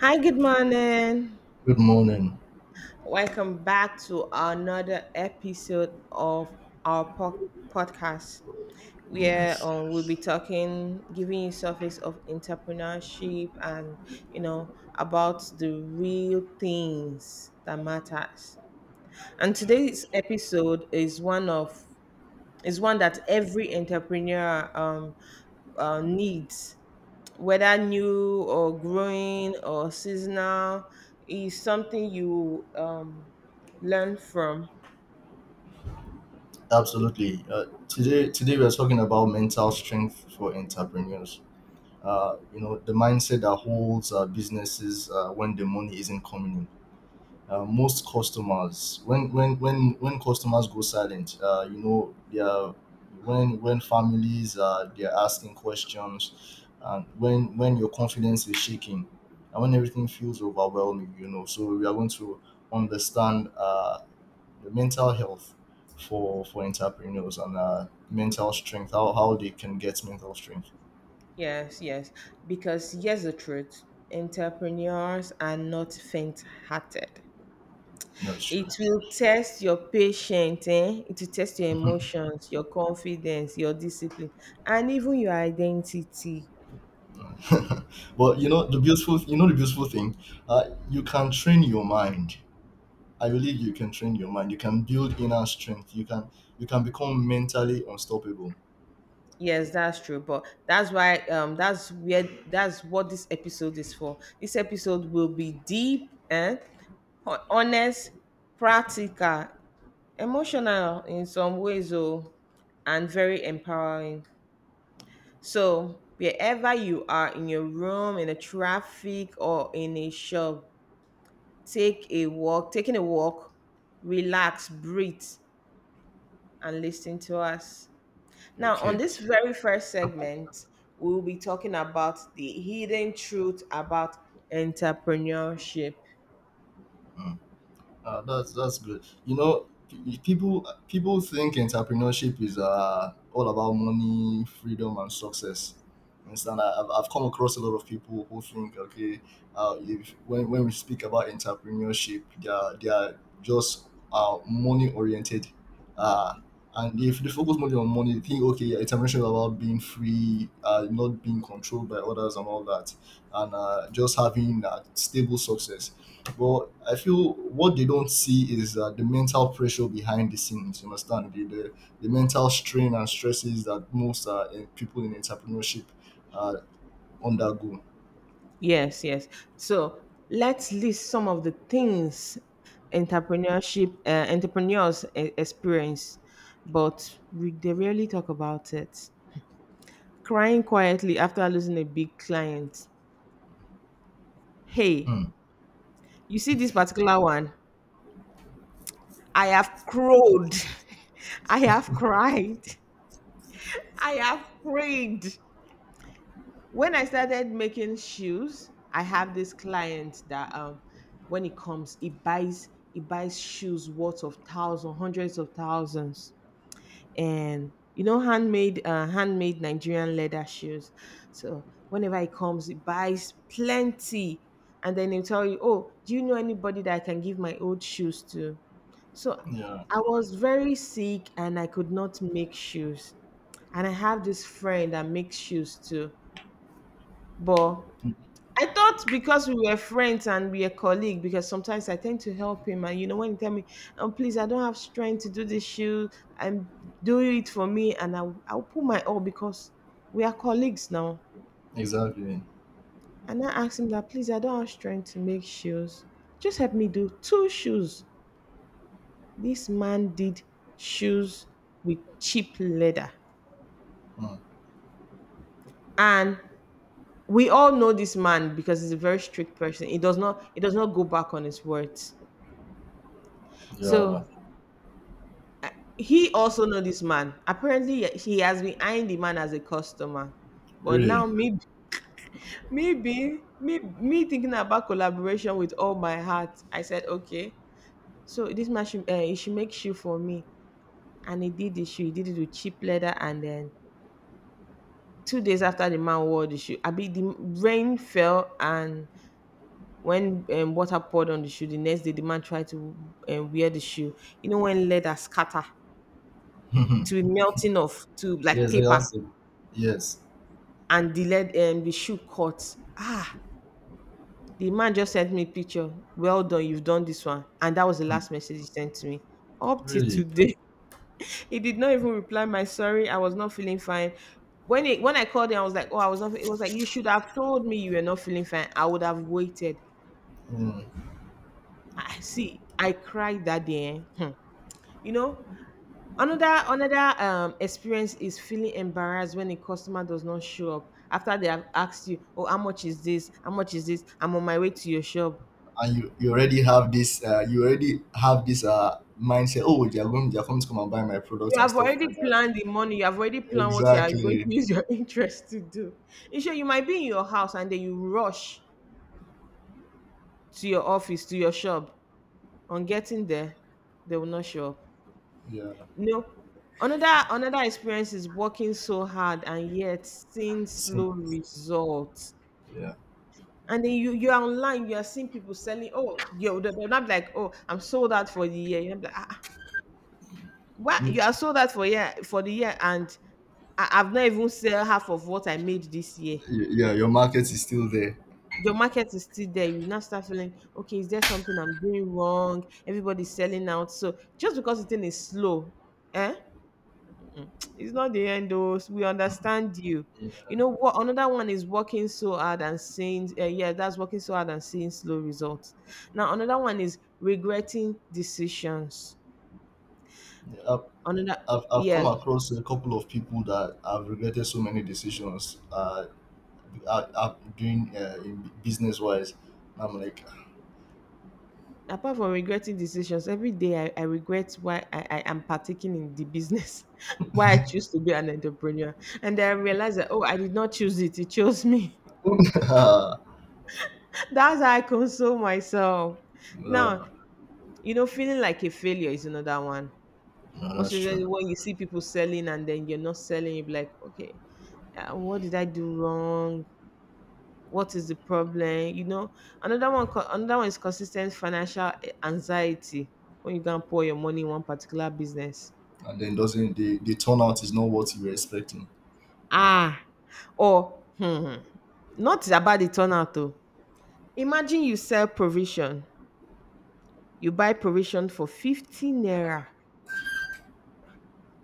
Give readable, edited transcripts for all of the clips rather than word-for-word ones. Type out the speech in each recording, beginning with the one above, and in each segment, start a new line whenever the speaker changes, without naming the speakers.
Hi, good morning.
Good morning.
Welcome back to another episode of our podcast where
Yes.
we'll be talking, giving you surface of entrepreneurship and, you know, about the real things that matters. And
Okay.
today's episode is one of is one that every entrepreneur needs, whether new or growing or seasonal, is something you learn from.
Absolutely. Today we are talking about mental strength for entrepreneurs. You know, the mindset that holds businesses when the money isn't coming in. Most customers, when customers go silent, you know, they are when families they are asking questions, and when your confidence is shaking, and when everything feels overwhelming, you know. So we are going to understand. The mental health for entrepreneurs and mental strength how they can get mental strength.
Yes, yes. Because here's the truth: entrepreneurs are not faint hearted.
That's
It
true.
will test your patience, eh? It will test your emotions, your confidence, your discipline, and even your identity.
But you know the beautiful you know the beautiful thing You can train your mind. I believe you can train your mind, you can build inner strength, you can become mentally unstoppable.
Yes, that's true. But that's why that's where that's what this episode is for. This episode will be deep and honest, practical, emotional in some ways, oh, and very empowering. So wherever you are, in your room, in a traffic or in a shop, taking a walk, relax, breathe, and listen to us. Now, on
Okay.
this very first segment, we will be talking about the hidden truth about entrepreneurship.
Mm. That's good. You know, people think entrepreneurship is all about money, freedom, and success. You understand? I've come across a lot of people who think, okay, if when, when we speak about entrepreneurship, they are just money oriented. Uh, and if they focus only on money, they think, okay, entrepreneurship is about being free, not being controlled by others and all that, and just having stable success. But I feel what they don't see is the mental pressure behind the scenes. You understand the mental strain and stresses that most people in entrepreneurship uh, undergo.
Yes, yes. So let's list some of the things entrepreneurs experience, but they rarely talk about it. Crying quietly after losing a big client. Hey,
Hmm.
you see this particular one? I have crowed. I have cried. I have prayed. When I started making shoes, I have this client that, um, when he comes, he buys shoes worth of thousands, hundreds of thousands. And you know, handmade Nigerian leather shoes. So whenever he comes, he buys plenty. And then he'll tell you, "Oh, do you know anybody that I can give my old shoes to?" So
Yeah,
I was very sick and I could not make shoes. And I have this friend that makes shoes too. But I thought because we were friends and we are colleagues, because sometimes I tend to help him. And, you know, when he tell me, "Oh, please, I don't have strength to do this shoot, and do it for me." And I'll put my all because we are colleagues now.
exactly.
And I asked him that, "Please, I don't have strength to make shoes. Just help me do two shoes." This man did shoes with cheap leather.
Hmm.
And we all know this man because he's a very strict person. He does not go back on his words. So
Yeah,
he also know this man. Apparently, yeah, he has been eyeing the man as a customer. But
really.
now, me thinking about collaboration with all my heart, I said, okay. So this man should, he should make shoe for me, and he did the shoe. He did it with cheap leather, and then 2 days after the man wore the shoe, I be the rain fell, and when, water poured on the shoe, the next day the man tried to, wear the shoe. You know, when leather scatter to be melting off to like
Yes, I
paper
exactly. Yes.
and delayed, the shoe cut. Ah, the man just sent me picture. "Well done, you've done this one." And that was the
Hmm.
last message he sent to me. Up till
Really.
today, he did not even reply. My sorry, I was not feeling fine. When I called him, I was like, "Oh, I was not." It was like, "You should have told me you were not feeling fine. I would have waited."
Hmm.
I see. I cried that day. Eh. Hmm. You know, another, um, experience is feeling embarrassed when a customer does not show up after they have asked you, "Oh, how much is this? How much is this? I'm on my way to your shop."
And you already have this mindset. Oh, they are going, they are coming to come and buy my products
You
and
have
stuff
already
like that.
planned the money. You have already planned what you are going
Exactly.
to use your interest to do. You sure you might be in your house and then you rush to your office, to your shop. On getting there, they will not show up.
Yeah.
No. Another experience is working so hard and yet seeing
See.
slow results.
Yeah.
And then you, you're online, you are seeing people selling. Oh, yo, they're not like, "Oh, I'm sold out for the year." You're like, "Ah, ah, why
Me-
you are sold out for the year, and I, I've not even sell half of what I made this year."
Y- yeah, your market is still there.
Your market is still there. You now start feeling, "Okay, is there something I'm doing wrong? Everybody's selling out." So just because the thing is slow, eh? Mm, it's not the end, though. We understand you.
Yeah.
You know what? Another one is working so hard and seeing, yeah, that's working so hard and seeing slow results. Now, another one is regretting decisions.
I've,
Another,
I've come
yes,
across a couple of people that have regretted so many decisions. I'm doing in business wise. I'm like,
apart from regretting decisions, every day I regret why I am partaking in the business, why I choose to be an entrepreneur. And then I realize that, oh, I did not choose it, it chose me.
no,
That's how I console myself. Now,
no,
you know, feeling like a failure is another one. Most
that's true.
usually, when you see people selling and then you're not selling, you're like, "Okay, what did I do wrong? What is the problem?" You know, another one, another one is consistent financial, eh, anxiety when you go and pour your money in one particular business.
And then doesn't the turnout is not what you were expecting.
Ah, or hmm, not about the turnout though. Imagine you sell provision, you buy provision for 50 naira,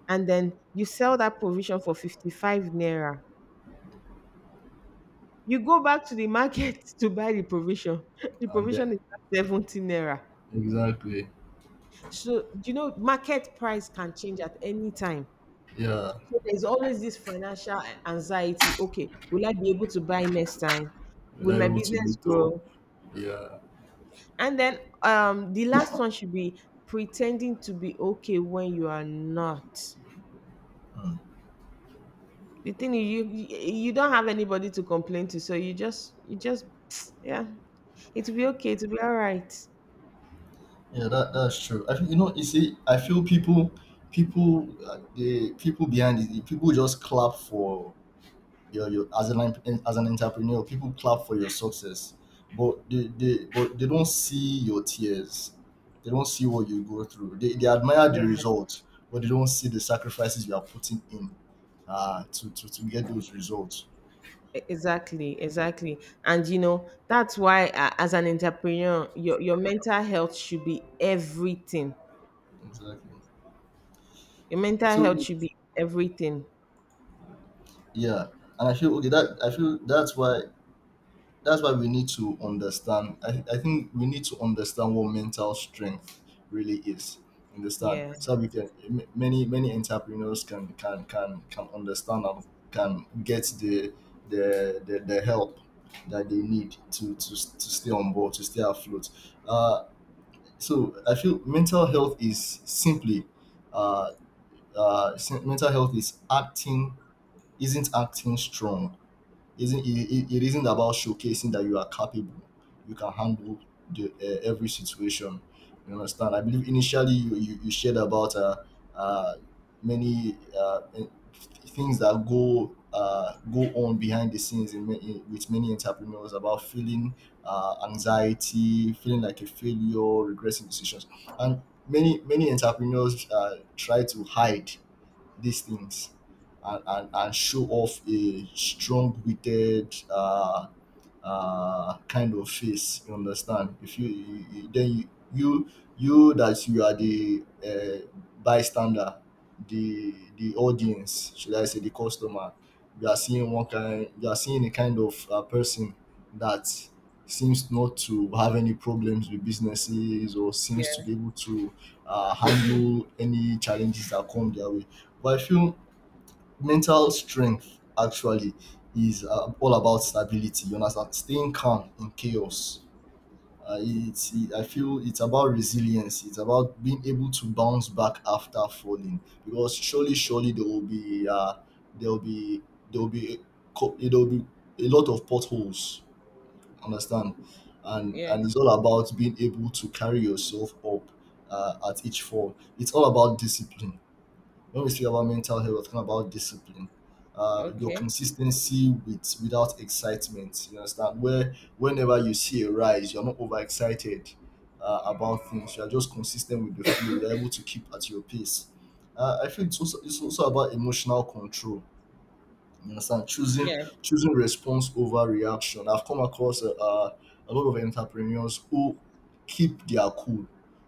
and then you sell that provision for 55 naira. You go back to the market to buy the provision. The
And then
provision is at 70 naira.
exactly,
So, you know, market price can change at any time.
yeah,
So there's always this financial anxiety. Okay, will I be able to buy next time? Will my
reliable to
business
meet up.
grow?
Yeah,
And then, the last one should be pretending to be okay when you are not. The thing is, you don't have anybody to complain to, so you just yeah, it'll be okay. It'll be all right.
yeah, that that's true. I think, you know, you see, I feel people, the people just clap for your, as an entrepreneur, people clap for your success, but they don't see your tears. They don't see what you go through. They admire the
Yeah.
result, but they don't see the sacrifices you are putting in to to get those results.
Exactly, exactly. And you know, that's why, as an entrepreneur, your mental health should be everything.
Exactly.
Your mental
So
health should be everything.
yeah, and I feel okay. That I feel That's why we need to understand. I think we need to understand what mental strength really is, understand,
Yeah,
so we can many entrepreneurs can understand and can get the help that they need to, to stay on board, to stay afloat. Uh so i feel mental health is simply uh mental health is acting, isn't acting strong, isn't it it isn't about showcasing that you are capable, you can handle every situation. You understand? I believe initially you shared about uh, many things that go go on behind the scenes in, with many entrepreneurs, about feeling anxiety, feeling like a failure, regressing decisions, and many entrepreneurs try to hide these things and, and show off a strong-witted kind of face. You understand? If you, you you- then you that you are the bystander, the audience, should I say, the customer, you are seeing one kind, you are seeing a kind of person that seems not to have any problems with businesses, or
yeah,
seems to be able to handle any challenges that come their way. But I feel mental strength actually is all about stability. You understand? Staying calm in chaos. I feel it's about resilience. It's about being able to bounce back after falling. Because surely, surely there will be there will be there will be there will be a lot of potholes. Understand? And
yeah.
it's all about being able to carry yourself up at each fall. It's all about discipline. When we say about mental health, we're talking about discipline. Your
Okay.
consistency without excitement. You understand? Where Whenever you see a rise, you're not overexcited about things. You're just consistent with the flow. You're able to keep at your pace. I think it's also about emotional control, you understand?
Yeah,
Choosing response over reaction. I've come across a lot of entrepreneurs who keep their cool,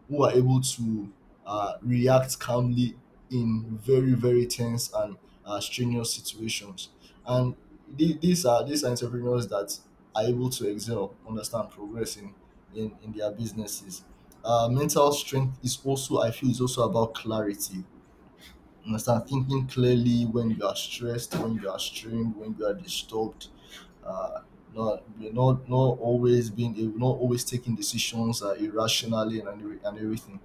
who are able to react calmly in very very tense and strenuous situations. And these are entrepreneurs that are able to excel, understand, progress in in their businesses. Mental strength is also, I feel, is also about clarity, and start thinking clearly when you are stressed, when you are strained, when you are disturbed. Uh, not always being, you're not always taking decisions irrationally and, and everything.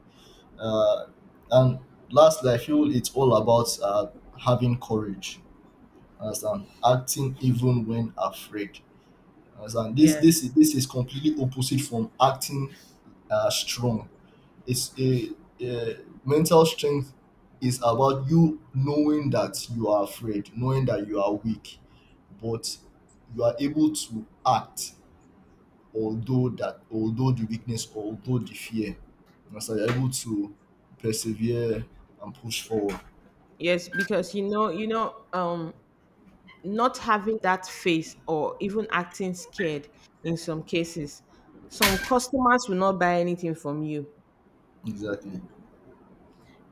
Uh, and lastly, I feel it's all about having courage. Understand? Acting even when afraid. Understand?
yeah.
This is completely opposite from acting strong. It's a Mental strength is about you knowing that you are afraid, knowing that you are weak, but you are able to act, although the weakness, although the fear. And so you're able to persevere and push forward.
Yes, because you know, um, not having that face or even acting scared in some cases, some customers will not buy anything from you.
Exactly.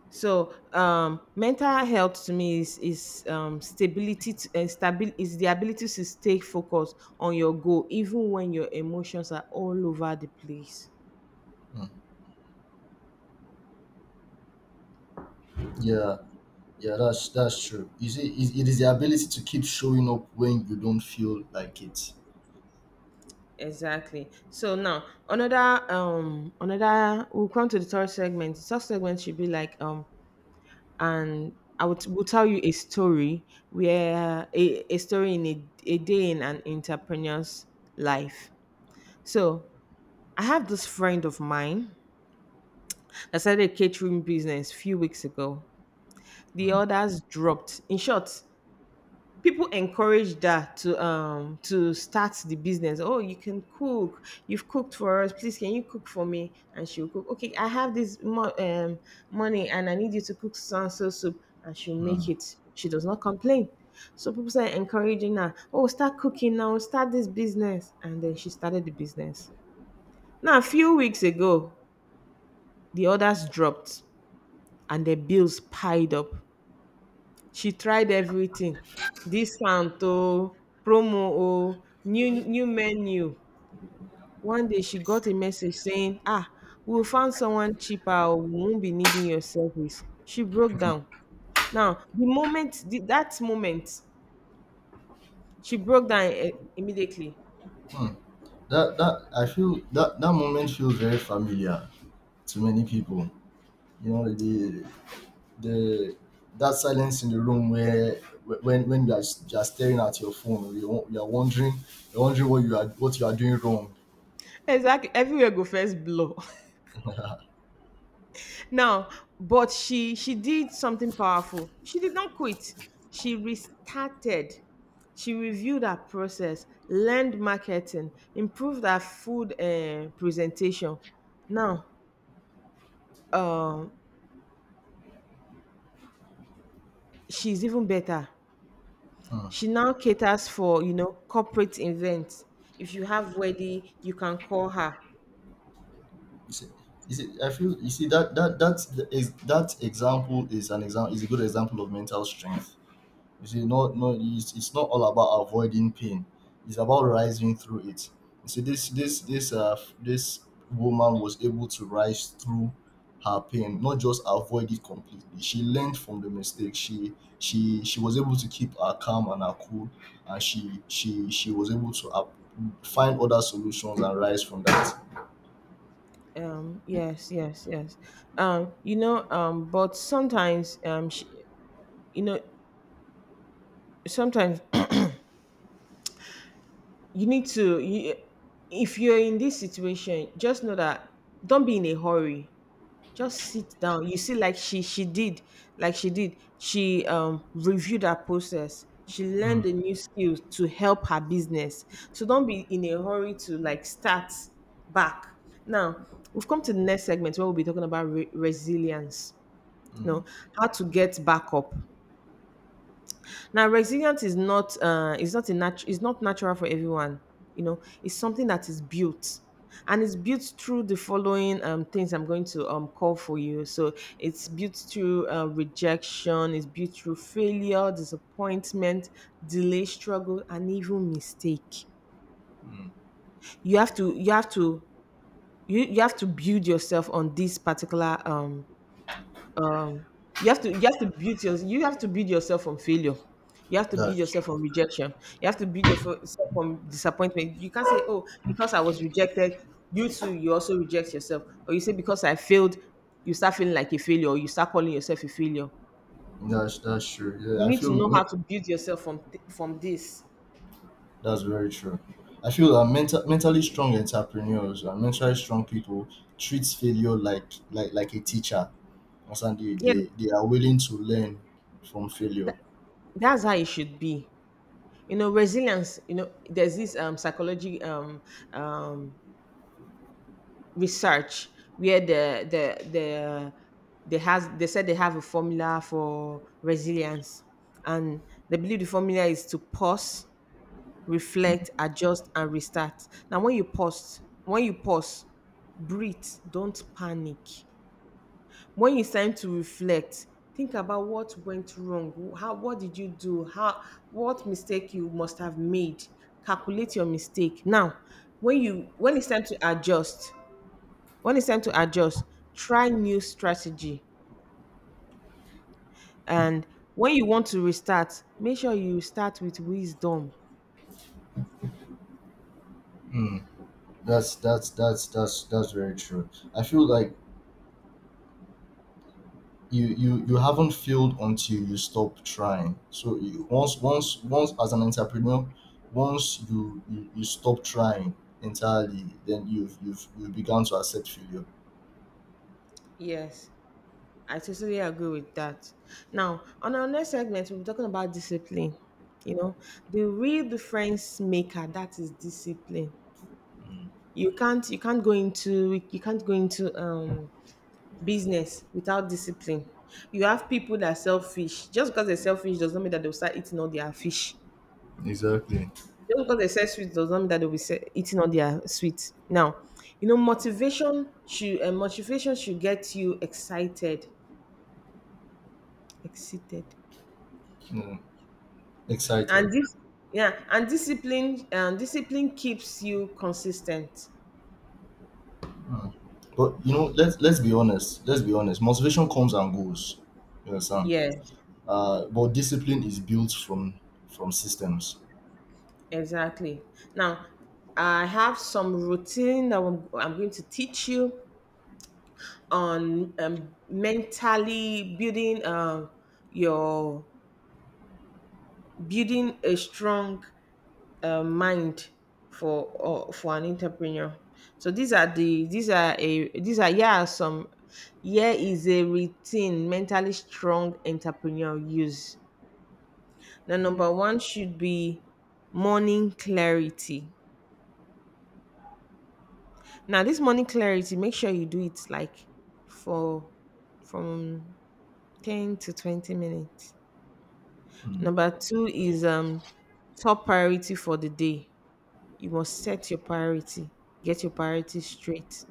So, mental health to me is stability. To, stabil is the ability to stay focused on your goal, even when your emotions are all over the place.
Mm. Yeah. Yeah, that's true. You see, it is the ability to keep showing up when you don't feel like it.
Exactly. So now another another we'll come to the third segment. The third segment should be like, um, and I would will tell you a story where a story in a day in an entrepreneur's life. So I have this friend of mine. I started a catering business a few weeks ago. The
Mm,
orders dropped. In short, people encouraged that to, um, to start the business. "Oh, you can cook. You've cooked for us. Please, can you cook for me?" And she'll cook. "Okay, I have this money and I need you to cook so and so soup." And she'll make
mm.
it. She does not complain. So people started encouraging her. "Oh, start cooking now. Start this business." And then she started the business. Now, a few weeks ago, the orders dropped and the bills piled up. She tried everything: discount oh, promo oh, new menu. One day she got a message saying, "Ah, we found someone cheaper, oh. We won't be needing your service." She broke down. Now the moment, that moment she broke down, eh, immediately
That that I feel that that moment feels very familiar to many people. You know, the that silence in the room where when you are, you are staring at your phone, you you are wondering, you're wondering what you are, what you are doing wrong.
exactly everywhere go first blur. Now, but she did something powerful. She did not quit. She restarted. She reviewed her process, learned marketing, improved her food, eh, presentation. Now, um, she's even better.
Hmm.
She now caters for, you know, corporate events. If you have wedding, you can call her.
You see, I feel you see that that that is that example is an example, is a good example of mental strength. You see, not, it's not all about avoiding pain. It's about rising through it. You see, this woman was able to rise through her pain, not just avoid it completely. She learned from the mistake. She was able to keep her calm and her cool, and she was able to up, find other solutions and rise from that.
Yes, yes, yes. You know, but sometimes, she, you know, sometimes you need to you, if you're in this situation, just know that don't be in a hurry, just sit down. You see, like she did, like she did, she, um, reviewed her process, she learned
Mm,
a new skill to help her business. So don't be in a hurry to like start back. Now we've come to the next segment where we'll be talking about resilience, you know,
mm,
how to get back up. Now, resilience is not a nat is not natural for everyone. You know, it's something that is built, and it's built through the following, things I'm going to, call for you. So, it's built through, rejection, it's built through failure, disappointment, delay, struggle, and even mistake.
mm.
You have to you have to you, you have to build yourself on this particular um you have to build yourself from failure. You have to build
That's,
yourself from rejection. You have to build yourself from disappointment. You can't say, oh, because I was rejected, you too, you also reject yourself. Or you say, because I failed, you start feeling like a failure, or you start calling yourself a failure.
that's true. Yeah,
You
I
need to know how
feel
to build yourself from from this.
that's very true. I feel that mentally strong entrepreneurs and mentally strong people treat failure like a teacher. As and
Yeah,
they are willing to learn from failure.
that, that's how it should be. You know, resilience, you know, there's this psychology um research where they said they have a formula for resilience. And they believe the formula is to pause, reflect, adjust, and restart. Now, when you pause, breathe, don't panic. When it's time to reflect, think about what went wrong, how, what did you do, how, what mistake you must have made. Calculate your mistake. Now, when it's time to adjust, when it's time to adjust, try new strategy. And when you want to restart, make sure you start with wisdom.
Hmm. That's very true. I feel like you haven't failed until you stop trying. So you, once as an entrepreneur, once you stop trying entirely, then you begun to accept failure.
Yes, I totally agree with that. Now, on our next segment, we'll be talking about discipline. You know, the real difference maker that is discipline.
Mm.
You can't go into business without discipline. You have people that sell fish. Just because they are selfish does not mean that they'll start eating all their fish.
Exactly.
Just because they sell sweets does not mean that they'll be eating all their sweets. Now, you know, motivation should get you excited. Excited,
Yeah. Excited.
and this Yeah, and discipline keeps you consistent.
Hmm. But you know, let's be honest. Let's be honest. Motivation comes and goes. You understand?
Yes,
But discipline is built from systems.
exactly. Now, I have some routine that I'm going to teach you on mentally building your building a strong mind for an entrepreneur. So these are yeah some here is a routine mentally strong entrepreneur use. Now,
Hmm.
number one should be morning clarity. Now, this morning clarity, make sure you do it like for from 10 to 20 minutes.
Hmm. Hmm.
Number two is top priority for the day. You must set your priority, get your priority straight.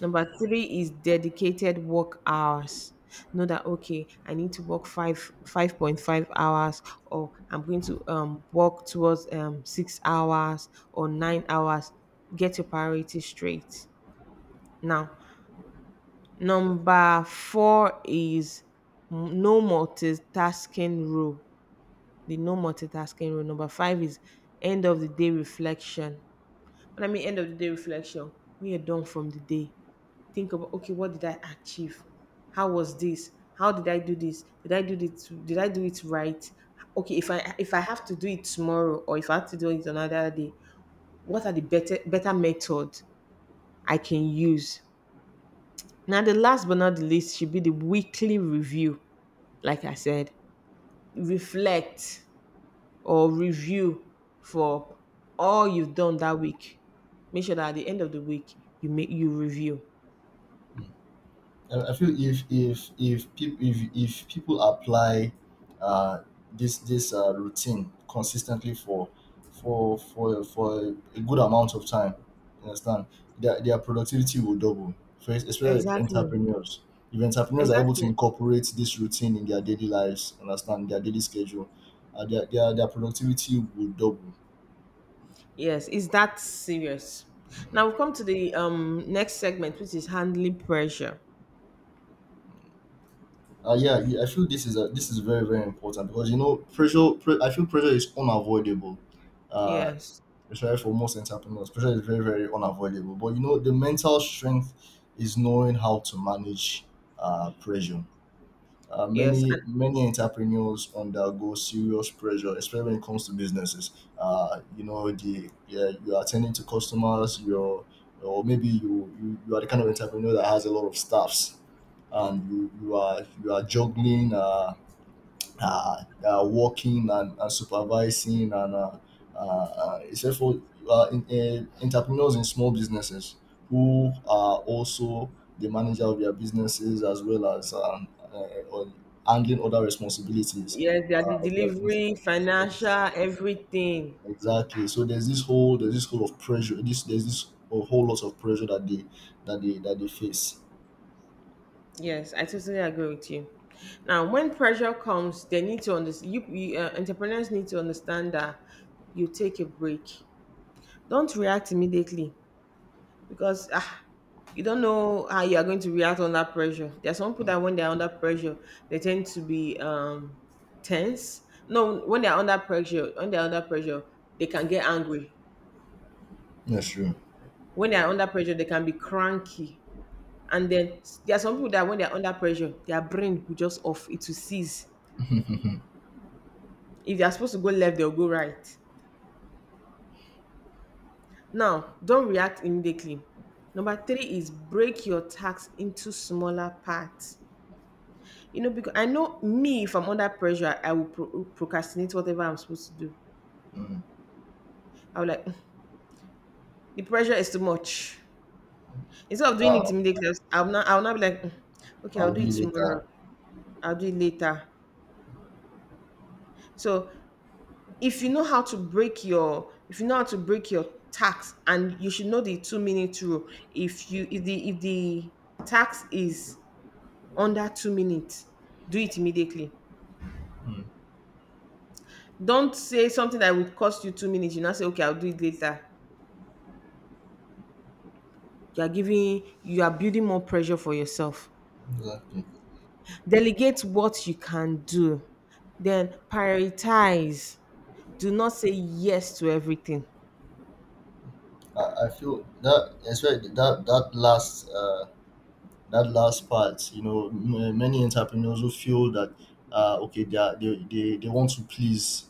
Number three is dedicated work hours. Know that, okay, I need to work 5.5 hours, or I'm going to work towards 6 hours or 9 hours. Get your priority straight. Now, number four is no multitasking rule. The no multitasking rule. Number five is end of the day reflection. What I mean, end of the day reflection, when you're done from the day, think about, okay, what did I achieve, how was this, how did I do this, did I do it right? Okay, if I have to do it tomorrow, or if I have to do it another day, what are the better method I can use. Now, the last but not the least should be the weekly review. Like I said, reflect or review for all you've done that week. Make sure that at the end of the week, you make you review.
I feel if people, if people apply uh, this routine consistently for a good amount of time, you understand, their productivity will double. For especially
Exactly,
if entrepreneurs are able to
exactly.
incorporate this routine in their daily lives, you understand, their daily schedule, their productivity will double.
Yes, is that serious? Now, we've come to the next segment, which is handling pressure.
Yeah, I feel this is this is very very important because you know pressure. I feel pressure is unavoidable, uh,
Yes,
especially for most entrepreneurs, pressure is very, very unavoidable. But you know, the mental strength is knowing how to manage pressure. Uh,
yes,
many
and
many entrepreneurs undergo serious pressure, especially when it comes to businesses. You know, the yeah, you are attending to customers, you're or maybe you are the kind of entrepreneur that has a lot of staffs, and you are, you are juggling. Working and supervising and except for uh, in, entrepreneurs in small businesses who are also the manager of their businesses, as well as on handling other responsibilities
yes, they are the
of their business.
delivery,
Ex-
financial, everything.
Exactly. So there's this whole of pressure. This There's this a whole lot of pressure that they that they that they face.
Yes, I totally agree with you. Now, when pressure comes, they need to understand. You, entrepreneurs need to understand that you take a break. Don't react immediately, because you don't know how you are going to react under pressure. There are some people that when they're under pressure, they tend to be tense. No, when they're under pressure, they can get angry.
That's true.
When they're under pressure, they can be cranky. And then, there are some people that when they're under pressure, their brain will just off, it will cease. If they're supposed to go left, they'll go right. Now, don't react immediately. Number three is, break your tasks into smaller parts. You know, because I know me, if I'm under pressure, I will procrastinate whatever I'm supposed to do.
Mm.
I will, like, "Mm, the pressure is too much. Instead of doing it
Uh,
immediately, I'll not be like, Mm, okay, I'll
I'll
do
do
it
it
tomorrow.
later.
I'll do it later." So if you know how to break your, if you know how to break your tax, and you should know the 2-minute rule. If the tax is under 2 minutes, do it immediately.
Mm.
Don't say something that would cost you 2 minutes. You now say, okay, I'll do it later. You are building more pressure for yourself.
Exactly.
Delegate what you can do, then prioritize. Do not say yes to everything.
I feel that that's right. That last part, many entrepreneurs who feel that okay, they, are, they want to please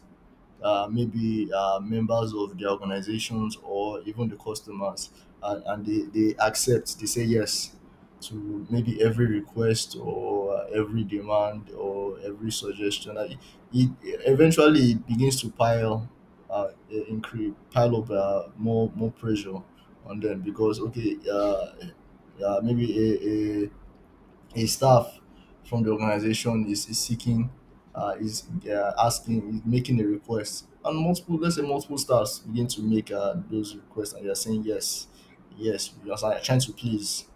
maybe members of the organizations or even the customers, and they say yes to maybe every request or every demand or every suggestion. It eventually it begins to uh, pile up more pressure on them because okay, maybe a staff from the organization is seeking, is making a request, and multiple, let's say multiple staffs begin to make those requests, and they are saying yes, because I'm trying to please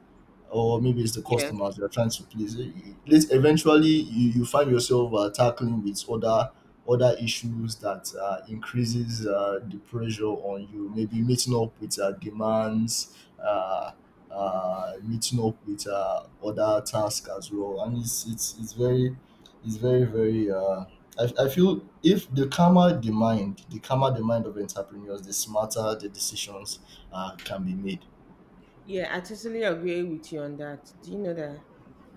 or maybe it's the
Yeah,
customers you're trying to please. Eventually, you find yourself tackling with other issues that increases the pressure on you. Maybe meeting up with demands, meeting up with other tasks as well, and it's very very. I feel if the calmer the mind of entrepreneurs, the smarter the decisions can be made.
yeah, I totally agree with you on that. Do you know that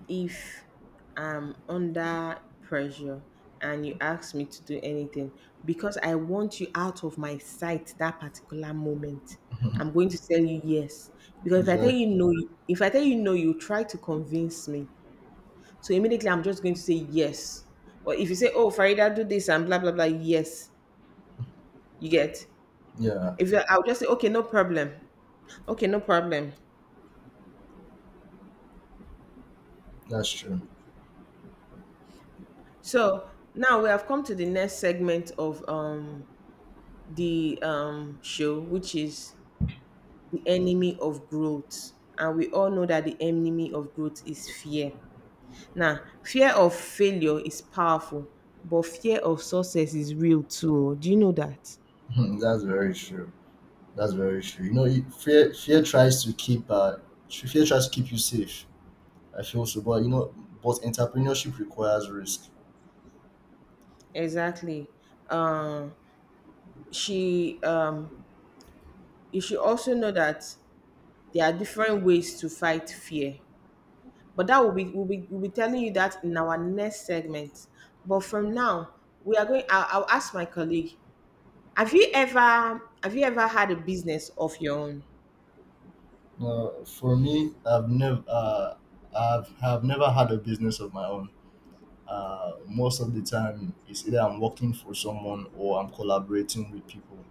if I'm under pressure and you ask me to do anything, because I want you out of my sight that particular moment, I'm going to tell you yes. Because
Exactly.
if I tell you no, you try to convince me. So immediately I'm just going to say yes. Or if you say, oh, Farida, do this and blah, blah, blah, yes, you get.
Yeah.
If you, I'll just say, okay, no problem. Okay, no problem.
That's true.
So now we have come to the next segment of the show, which is the enemy of growth. And we all know that the enemy of growth is fear. Now, fear of failure is powerful, but fear of success is real too. Do you know that?
That's very true. That's very true. Fear tries to keep you safe. I feel so, but entrepreneurship requires risk.
Exactly. Um, she You should also know that there are different ways to fight fear, but that will be we'll be telling you that in our next segment. But from now, we are going I'll ask my colleague, have you ever had a business of your own?
For me, I've have never had a business of my own. Most of the time, it's either I'm working for someone or I'm collaborating with people.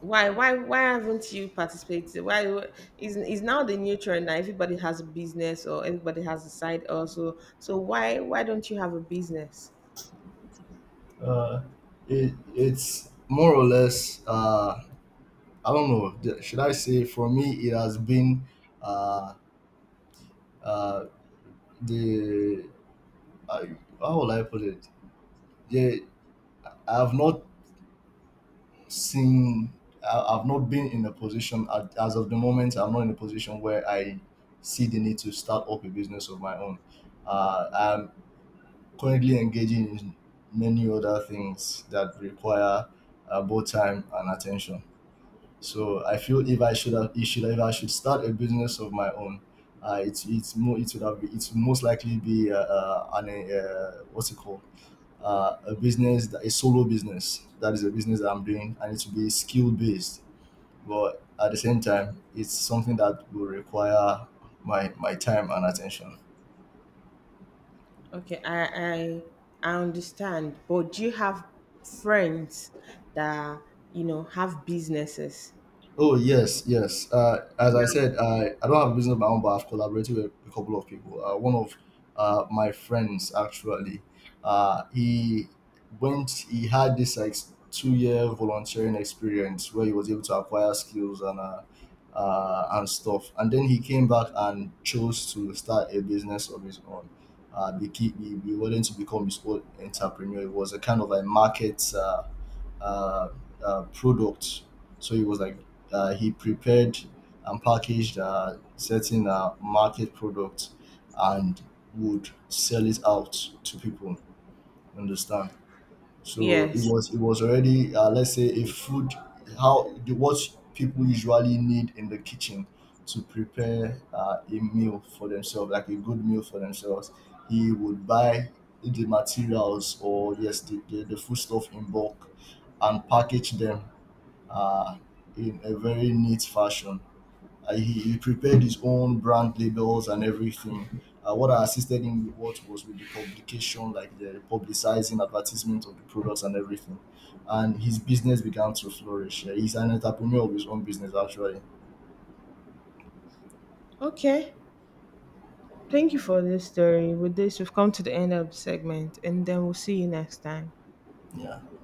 Why why haven't you participated? Why Is now the new trend? Now, everybody has a business, or everybody has a side also, so why don't you have a business?
Uh, it's more or less, I don't know. Should I say, for me, it has been uh, uh the I, how will I put it? Yeah, I've not seen. I've not been in a position as of the moment. I'm not in a position where I see the need to start up a business of my own. I'm currently engaging in many other things that require both time and attention. So I feel if I should start a business of my own, it's more it would have it's most likely be an what's it called a business, a solo business. That is a business that I'm doing, and it will be skill based. But at the same time, it's something that will require my time and attention.
Okay, I understand, but do you have friends that you know have businesses?
Oh, yes, yes. As I said, I don't have a business of my own, but I've collaborated with a couple of people. One of my friends actually, he went. He had this, like, 2-year volunteering experience where he was able to acquire skills and stuff. And then he came back and chose to start a business of his own. He wanted to become his own entrepreneur. It was a kind of a market. Uh, products. So he was like he prepared and packaged certain market products and would sell it out to people. Understand? So it
Yes.
was it was already, let's say, a food, how the what people usually need in the kitchen to prepare a meal for themselves, like a good meal for themselves. He would buy the materials, or yes, the foodstuff in bulk and package them uh, in a very neat fashion. He prepared his own brand labels and everything. What I assisted him with, what was with the publication, like the publicizing, advertisement of the products and everything. And his business began to flourish. Yeah, he's an entrepreneur of his own business, actually.
Okay. Thank you for this story. With this, we've come to the end of the segment, and then we'll see you next time.
Yeah.